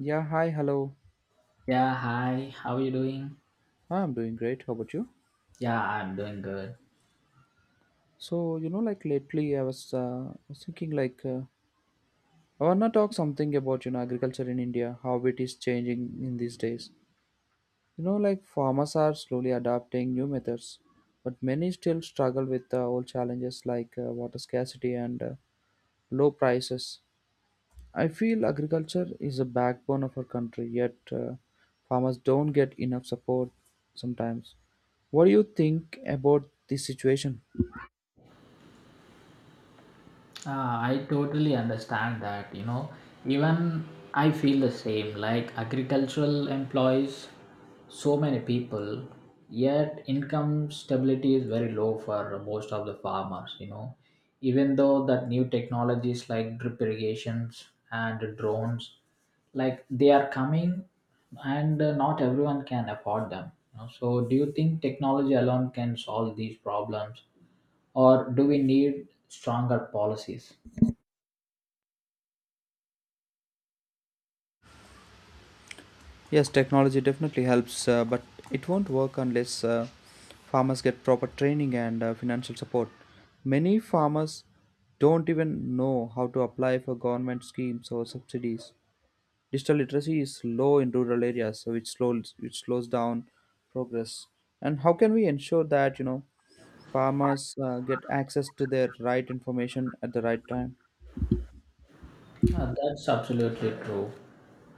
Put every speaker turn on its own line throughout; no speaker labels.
Yeah, hi, hello.
Yeah, hi. How are you doing?
Ah, I'm doing great. How about you?
Yeah, I'm doing good.
So lately I was, thinking I wanna talk something about, agriculture in India, how it is changing in these days. You know, like farmers are slowly adapting new methods, but many still struggle with old challenges like water scarcity and low prices. I feel agriculture is a backbone of our country, yet farmers don't get enough support sometimes. What do you think about this situation?
I totally understand that, you know, even I feel the same. Like agricultural employs so many people, yet income stability is very low for most of the farmers, you know. Even though that new technologies like drip irrigations and drones, like they are coming and not everyone can afford them. You know. So do you think technology alone can solve these problems or do we need stronger policies?
Yes, technology definitely helps, but it won't work unless farmers get proper training and financial support. Many farmers don't even know how to apply for government schemes or subsidies. Digital literacy is low in rural areas, so it slows which slows down progress. And how can we ensure that you know farmers get access to their right information at the right time?
That's absolutely true.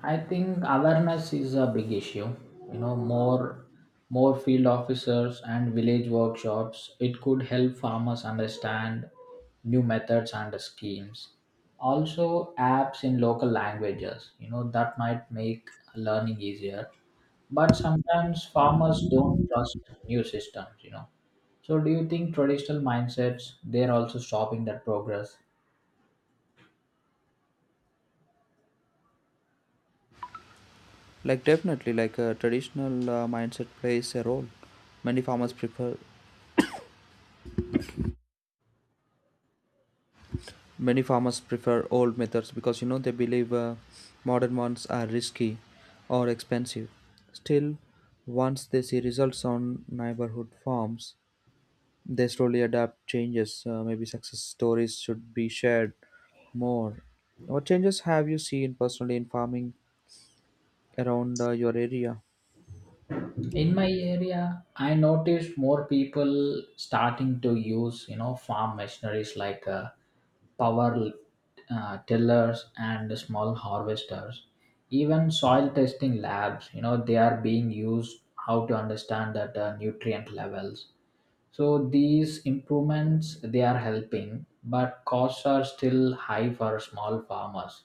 I think awareness is a big issue. You know, more field officers and village workshops. It could help farmers understand new methods and schemes. Also, apps in local languages. You know, that might make learning easier. But sometimes farmers don't trust new systems. You know, so do you think traditional mindsets they're also stopping that progress?
Like definitely, like a traditional mindset plays a role. Many farmers prefer Many farmers prefer old methods because you know they believe modern ones are risky or expensive. Still, once they see results on neighborhood farms, they slowly adapt changes. Maybe success stories should be shared more. What changes have you seen personally in farming around your area?
In my area I noticed more people starting to use, you know, farm machineries like power tillers and small harvesters, even soil testing labs, you know, they are being used how to understand that nutrient levels. So these improvements they are helping, but costs are still high for small farmers.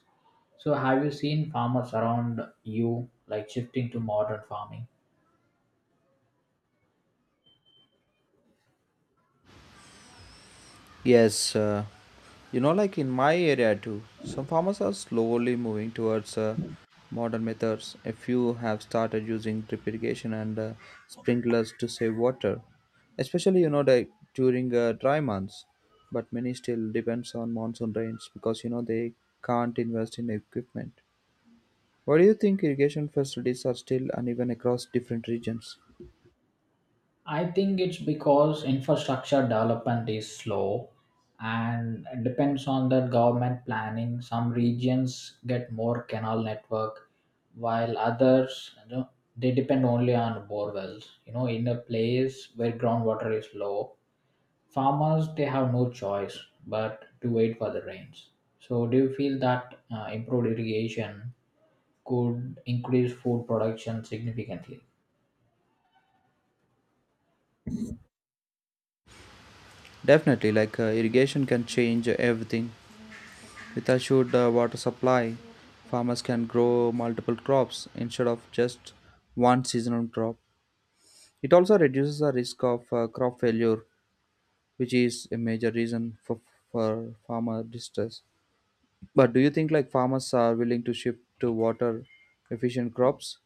So have you seen farmers around you like shifting to modern farming?
Yes, you know, like in my area too, some farmers are slowly moving towards modern methods. A few have started using drip irrigation and sprinklers to save water, especially you know like during dry months. But many still depends on monsoon rains because you know they can't invest in equipment. What do you think irrigation facilities are still uneven across different regions?
I think it's because infrastructure development is slow and it depends on the government planning. Some regions get more canal network while others, you know, they depend only on borewells. You know, in a place where groundwater is low, farmers they have no choice but to wait for the rains. So do you feel that improved irrigation could increase food production significantly?
Definitely, like irrigation can change everything. With a assured water supply, farmers can grow multiple crops instead of just one seasonal crop. It also reduces the risk of crop failure, which is a major reason for farmer distress. But do you think like farmers are willing to shift to water efficient crops?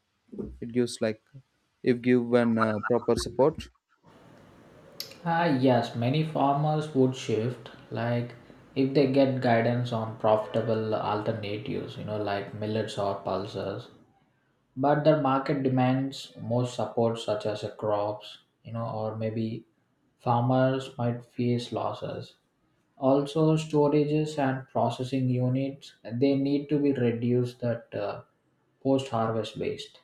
It gives like if given proper support.
Yes, many farmers would shift, like if they get guidance on profitable alternatives, you know, like millets or pulses. But the market demands more support, such as crops, you know, or maybe farmers might face losses. Also, storages and processing units they need to be reduced that post-harvest waste.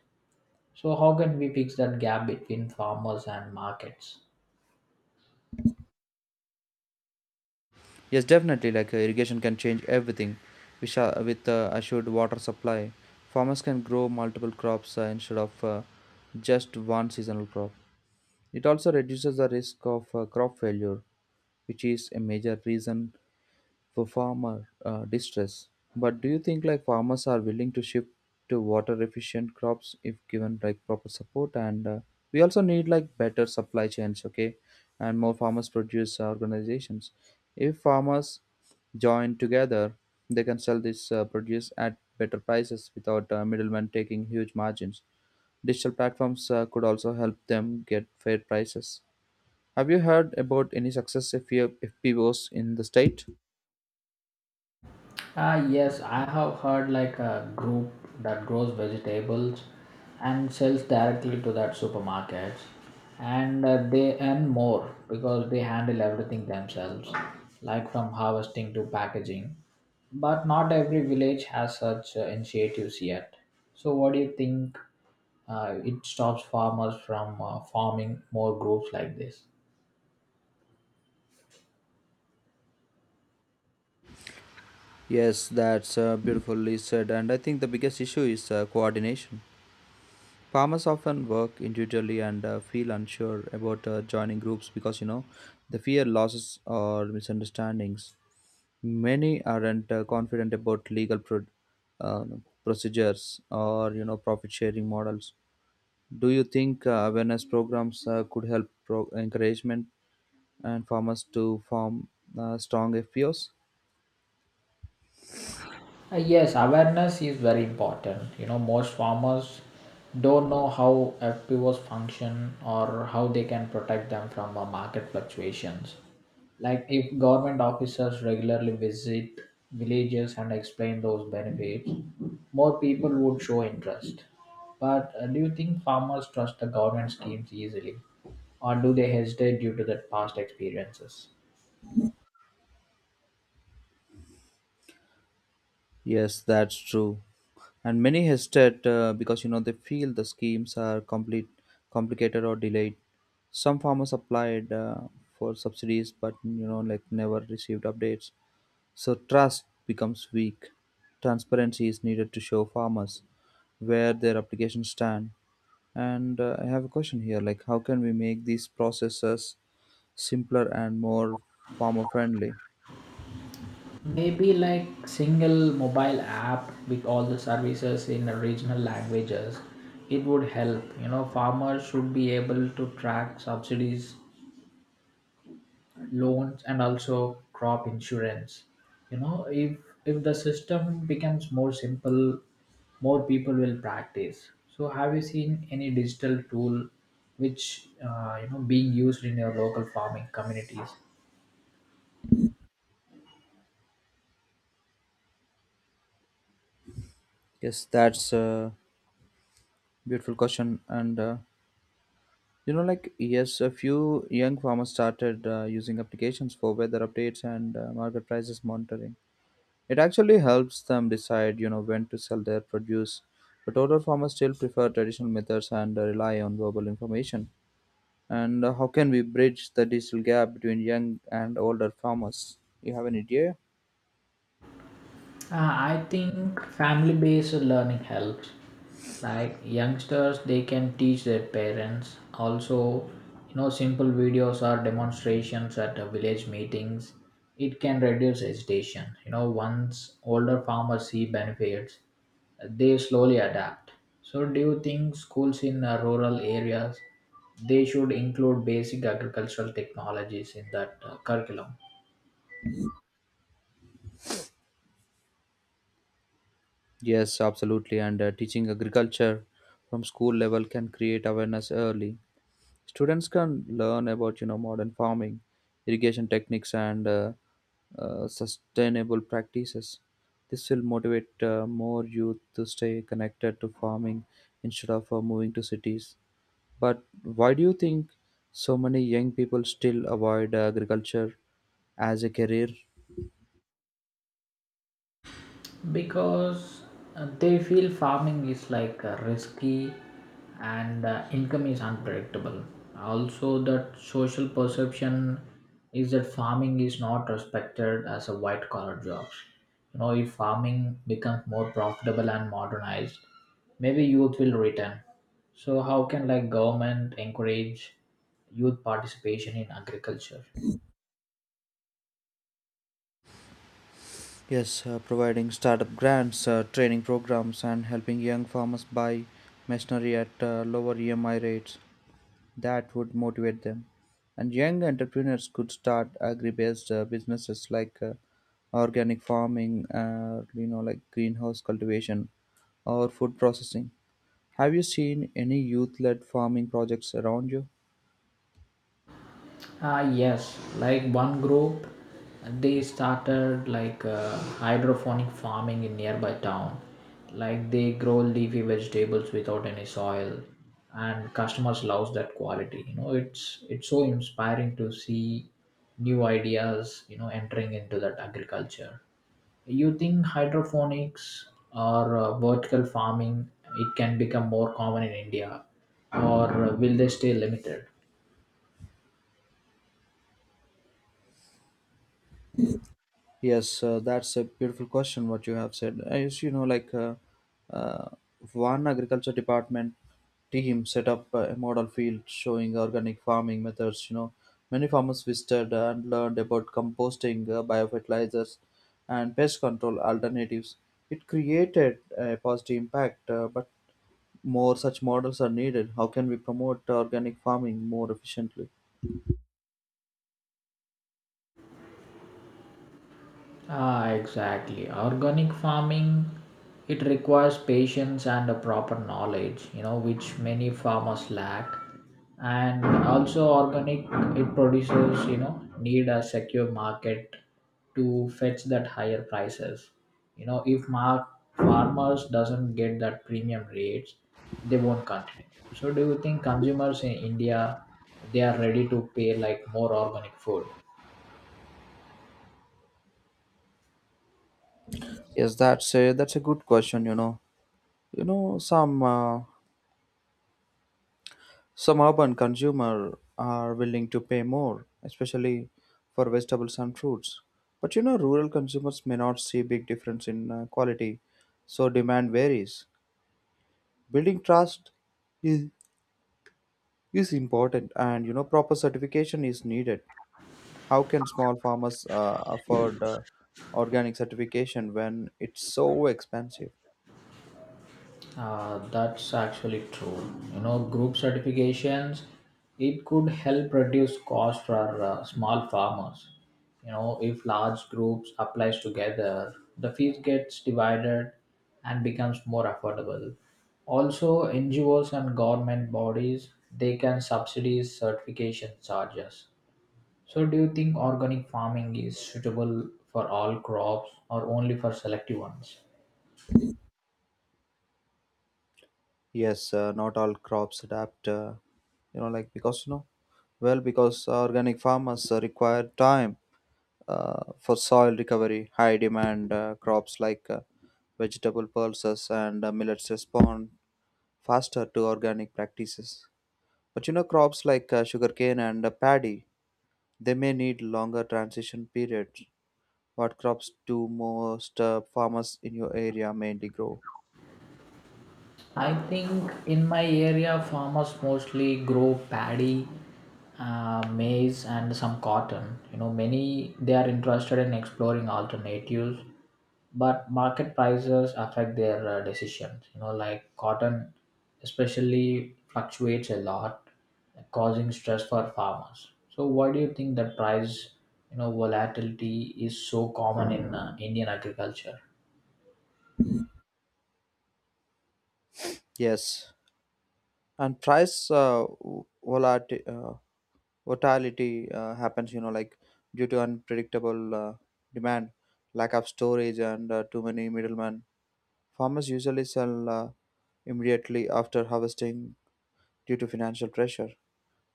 So, how can we fix that gap between farmers and markets?
Yes, definitely. Like irrigation can change everything. We shall, with assured water supply, farmers can grow multiple crops instead of just one seasonal crop. It also reduces the risk of crop failure, which is a major reason for farmer distress. But do you think like farmers are willing to shift to water efficient crops if given like proper support? And we also need like better supply chains, okay, and more farmers produce organizations. If farmers join together, they can sell this produce at better prices without middlemen taking huge margins. Digital platforms could also help them get fair prices. Have you heard about any success if FPOs in the state?
Yes, I have heard like a group that grows vegetables and sells directly to that supermarkets, and they earn more because they handle everything themselves, like from harvesting to packaging. But not every village has such initiatives yet. So, what do you think? It stops farmers from forming more groups like this.
Yes, that's beautifully said. And I think the biggest issue is coordination. Farmers often work individually and feel unsure about joining groups because, you know, they fear losses or misunderstandings. Many aren't confident about uh, procedures or, you know, profit sharing models. Do you think awareness programs could help encouragement and farmers to form strong FPOs?
Yes, awareness is very important. You know, most farmers don't know how FPOs function or how they can protect them from market fluctuations. Like if government officers regularly visit villages and explain those benefits, more people would show interest. But do you think farmers trust the government schemes easily, or do they hesitate due to their past experiences?
Yes, that's true. And many hesitate because you know they feel the schemes are complete, complicated or delayed. Some farmers applied for subsidies, but you know like never received updates. So trust becomes weak. Transparency is needed to show farmers where their applications stand. And I have a question here: like, how can we make these processes simpler and more farmer friendly?
Maybe like single mobile app with all the services in the regional languages, it would help. You know, farmers should be able to track subsidies, loans, and also crop insurance. You know, if the system becomes more simple, more people will practice. So, have you seen any digital tool which, you know, being used in your local farming communities?
Yes, that's a beautiful question and. You know, like, Yes, a few young farmers started using applications for weather updates and market prices monitoring. It actually helps them decide, you know, when to sell their produce. But older farmers still prefer traditional methods and rely on verbal information. And how can we bridge the digital gap between young and older farmers? You have an idea?
I think family based learning helps. Like youngsters, they can teach their parents. Also, you know, simple videos or demonstrations at village meetings. It can reduce hesitation. You know, once older farmers see benefits, they slowly adapt. So, do you think schools in rural areas they should include basic agricultural technologies in that curriculum?
Yes, absolutely. And teaching agriculture from school level can create awareness early. Students can learn about you know modern farming, irrigation techniques, and sustainable practices. This will motivate more youth to stay connected to farming instead of moving to cities. But why do you think so many young people still avoid agriculture as a career?
Because they feel farming is like risky and income is unpredictable. Also that social perception is that farming is not respected as a white collar job. You know, if farming becomes more profitable and modernized, maybe youth will return. So how can like government encourage youth participation in agriculture?
Yes, providing startup grants, training programs, and helping young farmers buy machinery at lower EMI rates that would motivate them. And young entrepreneurs could start agri-based businesses like organic farming, you know, like greenhouse cultivation or food processing. Have you seen any youth-led farming projects around you?
Yes, like one group, they started like hydroponic farming in nearby town. Like they grow leafy vegetables without any soil, and customers love that quality. You know, it's so inspiring to see new ideas. You know, entering into that agriculture. You think hydroponics or vertical farming it can become more common in India, or will they stay limited?
Yes, that's a beautiful question. What you have said, as you know, uh, one agriculture department team set up a model field showing organic farming methods. You know, many farmers visited and learned about composting, biofertilizers, and pest control alternatives. It created a positive impact, but more such models are needed. How can we promote organic farming more efficiently?
Exactly. Organic farming it requires patience and a proper knowledge, you know, which many farmers lack. And also organic it produces, you know, need a secure market to fetch that higher prices. You know, if farmers doesn't get that premium rates, they won't continue. So do you think consumers in India they are ready to pay like more organic food?
Yes, that's a good question. You know, some. Some urban consumers are willing to pay more, especially for vegetables and fruits. But you know, rural consumers may not see big difference in quality, so demand varies. Building trust is, is important, and you know, proper certification is needed. How can small farmers afford organic certification when it's so expensive?
That's actually true. You know, group certifications, it could help reduce cost for small farmers. You know, if large groups applies together, the fees gets divided and becomes more affordable. Also, NGOs and government bodies, they can subsidize certification charges. So, do you think organic farming is suitable for all crops or only for selective ones?
Yes, not all crops adapt. You know, like because you know, well, because organic farmers require time for soil recovery. High demand crops like vegetable pulses and millets respond faster to organic practices. But you know, crops like sugarcane and paddy, they may need longer transition periods. What crops do most farmers in your area mainly grow?
I think in my area, farmers mostly grow paddy, maize, and some cotton. You know, many they are interested in exploring alternatives, but market prices affect their decisions. You know, like cotton, especially fluctuates a lot, causing stress for farmers. So, why do you think that price, you know, volatility is so common in Indian agriculture?
Yes, and price volatility, uh, volatility happens. You know, like due to unpredictable demand, lack of storage, and too many middlemen. Farmers usually sell immediately after harvesting due to financial pressure,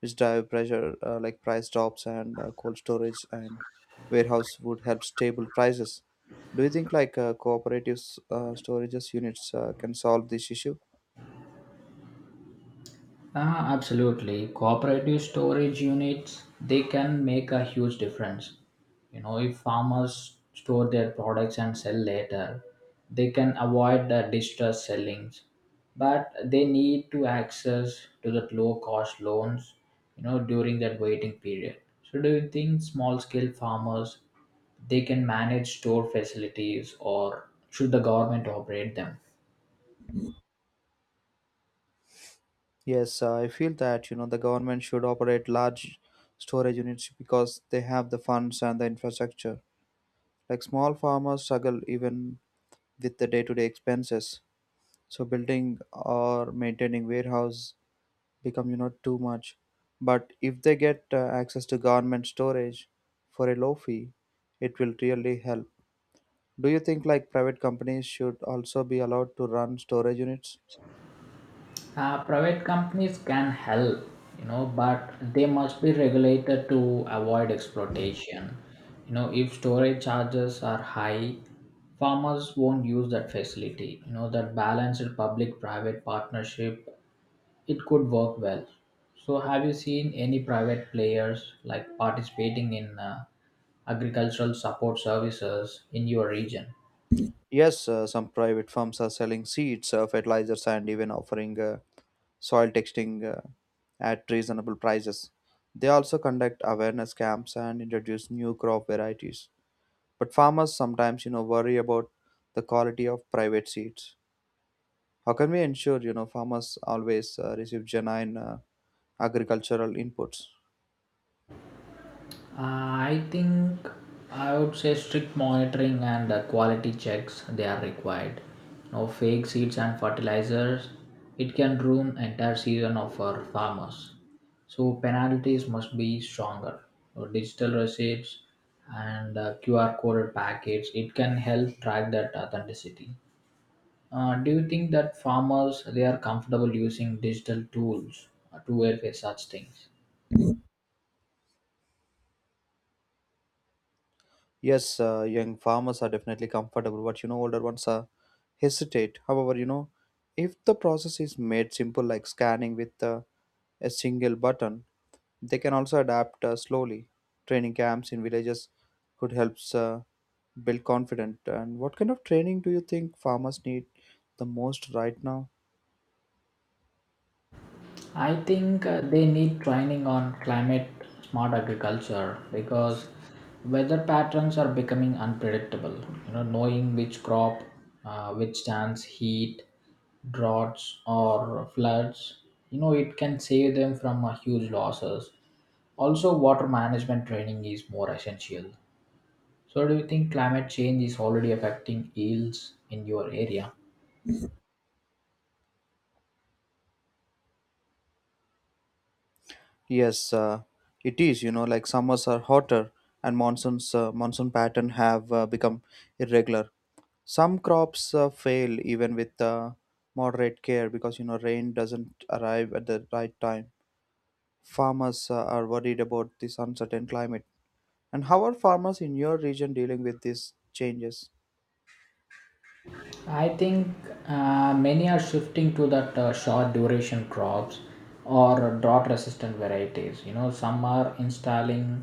which drive pressure like price drops and cold storage and warehouse would help stable prices. Do you think cooperative storages units can solve this issue?
Absolutely. Cooperative storage units, they can make a huge difference. You know, if farmers store their products and sell later, they can avoid the distress sellings. But they need to access to the low cost loans, you know, during that waiting period. So do you think small scale farmers they can manage store facilities or should the government operate them?
Yes, I feel that you know the government should operate large storage units because they have the funds and the infrastructure. Like small farmers struggle even with the day-to-day expenses. So building or maintaining warehouse become you know too much, but if they get access to government storage for a low fee, it will really help. Do you think like private companies should also be allowed to run storage units?
Private companies can help, you know, but they must be regulated to avoid exploitation. You know, if storage charges are high, farmers won't use that facility. You know, that balanced public-private partnership, it could work well. So, have you seen any private players like participating in agricultural support services in your region?
Yes, some private firms are selling seeds, fertilizers, and even offering soil testing at reasonable prices. They also conduct awareness camps and introduce new crop varieties. But farmers sometimes, you know, worry about the quality of private seeds. How can we ensure, you know, farmers always receive genuine agricultural inputs?
Uh, I think I would say strict monitoring and quality checks they are required. No fake seeds and fertilizers. It can ruin entire season of our farmers. So penalties must be stronger. So digital receipts and QR coded packets. It can help track that authenticity. Do you think that farmers they are comfortable using digital tools to verify such things?
Yes, young farmers are definitely comfortable, but you know, older ones are hesitate. However, you know, if the process is made simple, like scanning with a single button, they can also adapt slowly. Training camps in villages could help build confidence. And what kind of training do you think farmers need the most right now?
I think they need training on climate smart agriculture because weather patterns are becoming unpredictable. You know, knowing which crop withstands heat, droughts, or floods, you know, it can save them from huge losses. Also, water management training is more essential. So, do you think climate change is already affecting yields in your area?
Yes, it is. You know, like summers are hotter and monsoon pattern have become irregular. Some crops fail even with moderate care because you know rain doesn't arrive at the right time. Farmers are worried about this uncertain climate. And how are farmers in your region dealing with these changes?
I think many are shifting to that short duration crops or drought resistant varieties. You know, some are installing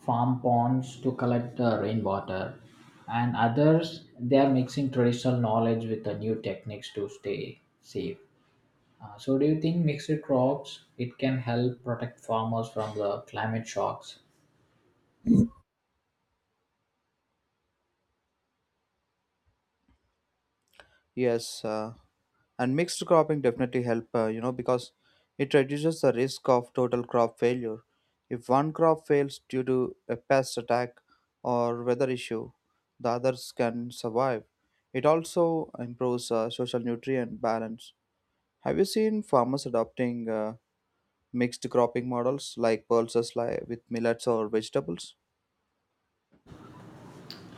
farm ponds to collect the rainwater, and others they are mixing traditional knowledge with the new techniques to stay safe. So, do you think mixed crops it can help protect farmers from the climate shocks?
Yes, and mixed cropping definitely help. You know because it reduces the risk of total crop failure. If one crop fails due to a pest attack or weather issue, the others can survive. It also improves social nutrient balance. Have you seen farmers adopting mixed cropping models like pulses like with millets or vegetables?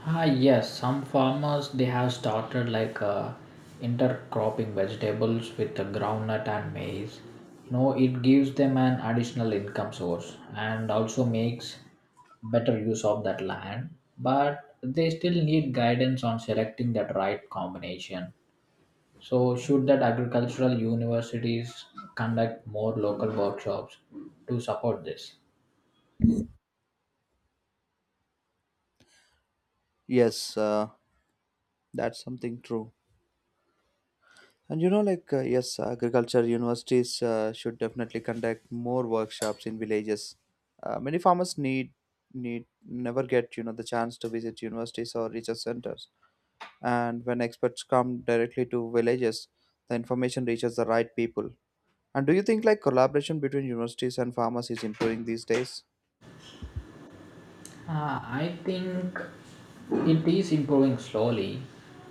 Yes, some farmers they have started like intercropping vegetables with the groundnut and maize. You know, it gives them an additional income source and also makes better use of that land. But they still need guidance on selecting that right combination. So, should that agricultural universities conduct more local workshops to support this?
Yes, that's something true. And you know, yes, agriculture universities should definitely conduct more workshops in villages. Many farmers need never get you know the chance to visit universities or research centers. And when experts come directly to villages, the information reaches the right people. And do you think like collaboration between universities and farmers is improving these days?
I think it is improving slowly,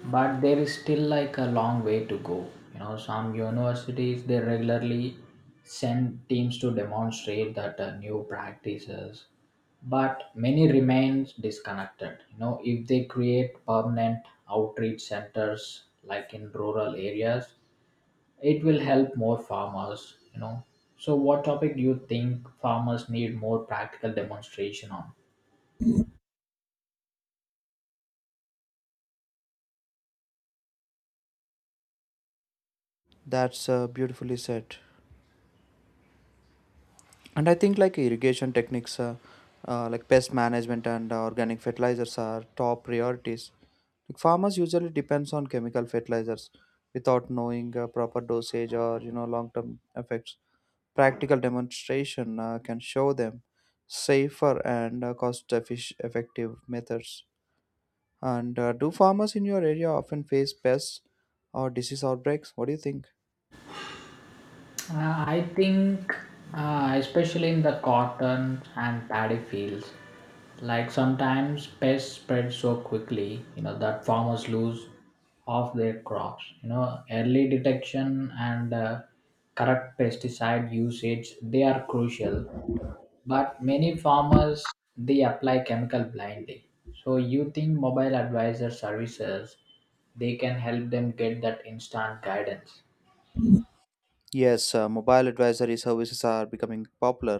but there is still like a long way to go. You know, some universities they regularly send teams to demonstrate that new practices, but many remains disconnected. You know, if they create permanent outreach centers like in rural areas, it will help more farmers. You know, so what topic do you think farmers need more practical demonstration on?
That's beautifully said. And I think like irrigation techniques, like pest management and organic fertilizers are top priorities. Like farmers usually depends on chemical fertilizers without knowing proper dosage or you know long-term effects. Practical demonstration can show them safer and cost-effective methods. And do farmers in your area often face pests or disease outbreaks? What do you think?
I think, especially in the cotton and paddy fields, like sometimes pests spread so quickly, you know, that farmers lose half their crops. You know, early detection and correct pesticide usage they are crucial. But many farmers they apply chemical blindly. So you think mobile advisor services they can help them get that instant guidance?
Yes, mobile advisory services are becoming popular.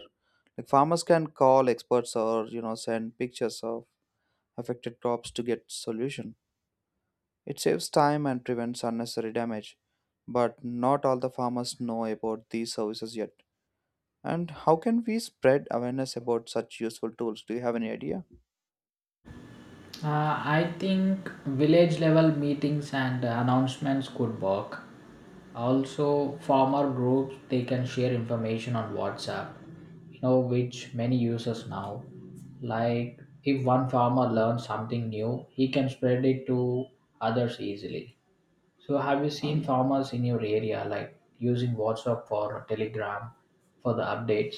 Like farmers can call experts or send pictures of affected crops to get solution. It saves time and prevents unnecessary damage. But not all the farmers know about these services yet. And how can we spread awareness about such useful tools? Do you have any idea?
I think village level meetings and announcements could work. Also, farmer groups they can share information on WhatsApp, you know, which many users now. Like if one farmer learns something new, he can spread it to others easily. So, have you seen farmers in your area like using WhatsApp for Telegram for the updates?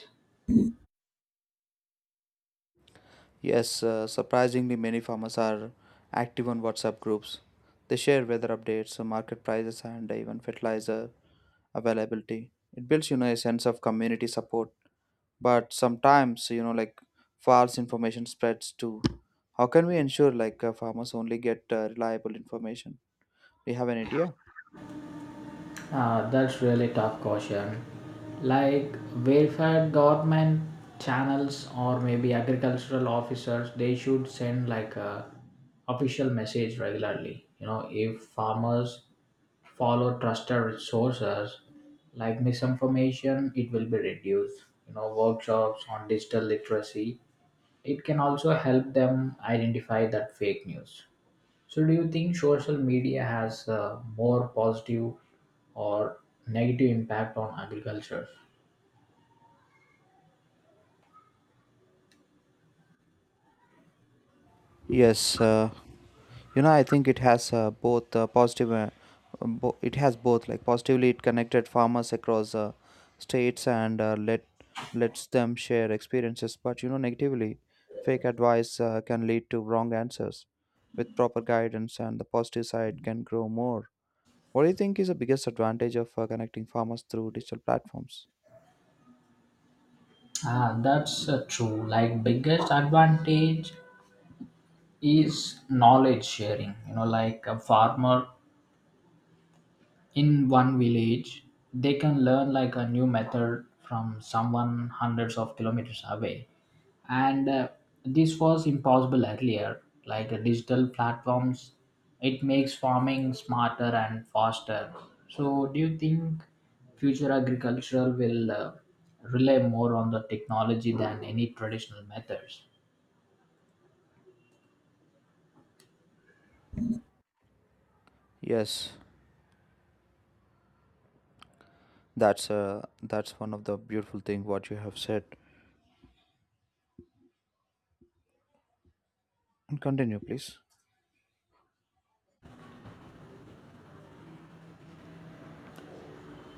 Yes, surprisingly many farmers are active on WhatsApp groups. They share weather updates, market prices, and even fertilizer availability. It builds, a sense of community support. But sometimes, you know, like false information spreads too. How can we ensure like farmers only get reliable information? Do you have an idea?
That's really tough question. Like welfare government channels or maybe agricultural officers, they should send like a official message regularly. You know, if farmers follow trusted sources, like misinformation, it will be reduced. You know, workshops on digital literacy, it can also help them identify that fake news. So, do you think social media has a more positive or negative impact on agriculture?
Yes, I think it has both positive it has both. Like, positively, it connected farmers across states, and lets them share experiences. But you know, negatively, fake advice can lead to wrong answers. With proper guidance, and the positive side can grow more. What do you think is the biggest advantage of connecting farmers through digital platforms?
Ah, that's True. Like biggest advantage is knowledge sharing. You know, like a farmer in one village, they can learn like a new method from someone hundreds of kilometers away. And this was impossible earlier, like digital platforms. It makes farming smarter and faster. So, do you think future agriculture will rely more on the technology than any traditional methods?
Yes, that's uh, that's one of the beautiful thing what you have said, and continue please.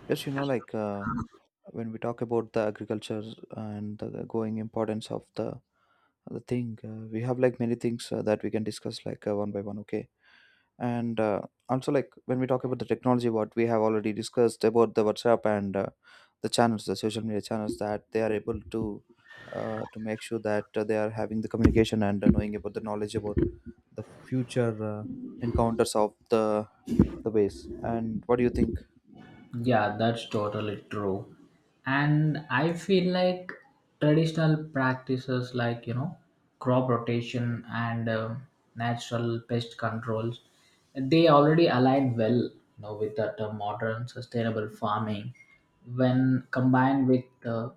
Yes, you know, like when we talk about the agriculture and the going importance of the thing, we have like many things that we can discuss, like one by one, okay? And also, like, when we talk about the technology, what we have already discussed about the WhatsApp and the channels, the social media channels, that they are able to make sure that they are having the communication and knowing about the knowledge about the future encounters of the ways. And what do you think?
Yeah, that's totally true. And I feel like traditional practices like, you know, crop rotation and natural pest controls, they already align well, you know, with that modern sustainable farming when combined with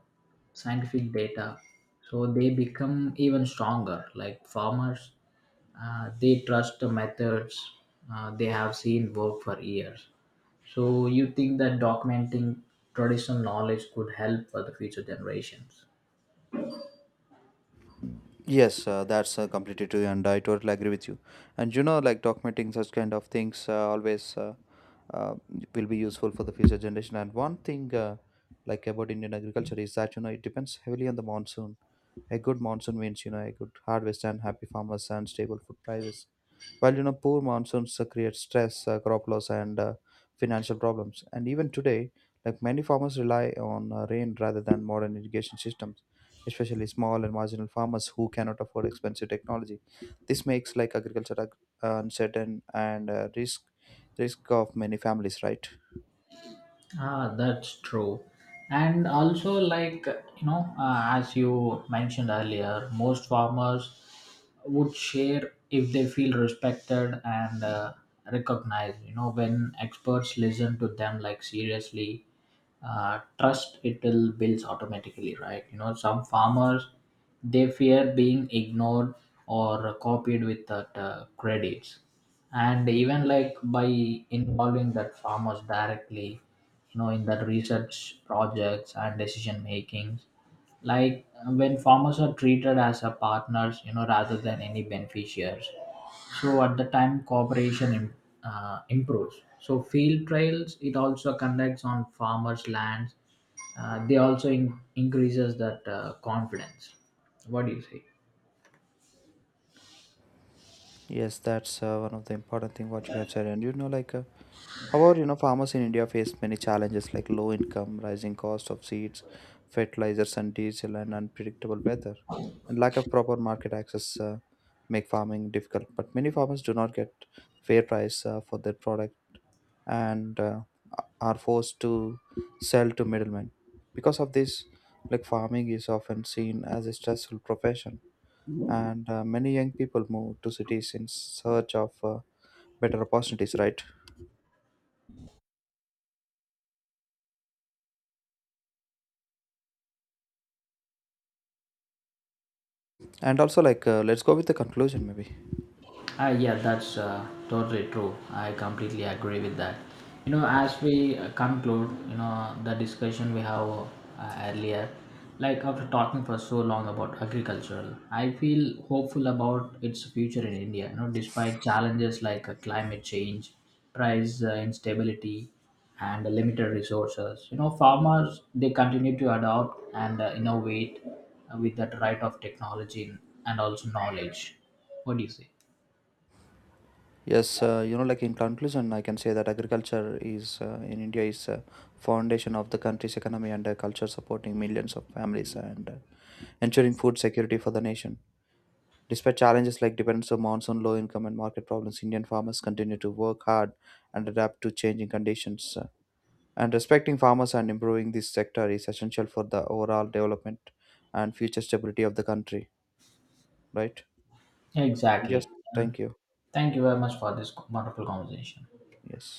scientific data. So they become even stronger. Like farmers they trust the methods they have seen work for years. So you think that documenting traditional knowledge could help for the future generations?
Yes, that's completely true, and I totally agree with you. And you know, like documenting such kind of things always uh, will be useful for the future generation. And one thing, like about Indian agriculture, is that you know it depends heavily on the monsoon. A good monsoon means you know a good harvest and happy farmers and stable food prices. While you know poor monsoons create stress, crop loss, and financial problems. And even today, like many farmers rely on rain rather than modern irrigation systems, especially small and marginal farmers who cannot afford expensive technology. This makes like uncertain and risk of many families, right?
That's true. And also, like, you know, as you mentioned earlier, most farmers would share if they feel respected and recognized. You know, when experts listen to them, like, seriously, trust it will builds automatically, right? You know, some farmers they fear being ignored or copied without credits, and even like by involving that farmers directly, you know, in that research projects and decision makings, like when farmers are treated as a partners, you know, rather than any beneficiaries, so at the time improves. So field trials it also conducts on farmers lands, they also increases that confidence. What do you say?
Yes, that's one of the important thing what you have said. And you know, like. However, you know, farmers in India face many challenges like low income, rising cost of seeds, fertilizers and diesel, and unpredictable weather. And lack of proper market access make farming difficult. But many farmers do not get fair price for their product, and are forced to sell to middlemen. Because of this, like farming is often seen as a stressful profession, and many young people move to cities in search of better opportunities, right? And also, like, let's go with the conclusion, maybe.
Yeah, that's totally true. I completely agree with that. You know, as we conclude, you know, the discussion we have earlier, like after talking for so long about agriculture, I feel hopeful about its future in India. You know, despite challenges like climate change, price instability, and limited resources, you know, farmers they continue to adopt and innovate with that right of technology and also knowledge. What do you say?
Yes, you know, like in conclusion, I can say that agriculture is in India is a foundation of the country's economy and culture, supporting millions of families and ensuring food security for the nation. Despite challenges like dependence on monsoon, low income, and market problems, Indian farmers continue to work hard and adapt to changing conditions. And respecting farmers and improving this sector is essential for the overall development and future stability of the country, right? Yes.
Exactly. And
Thank you.
thank you very much for this wonderful conversation.
Yes.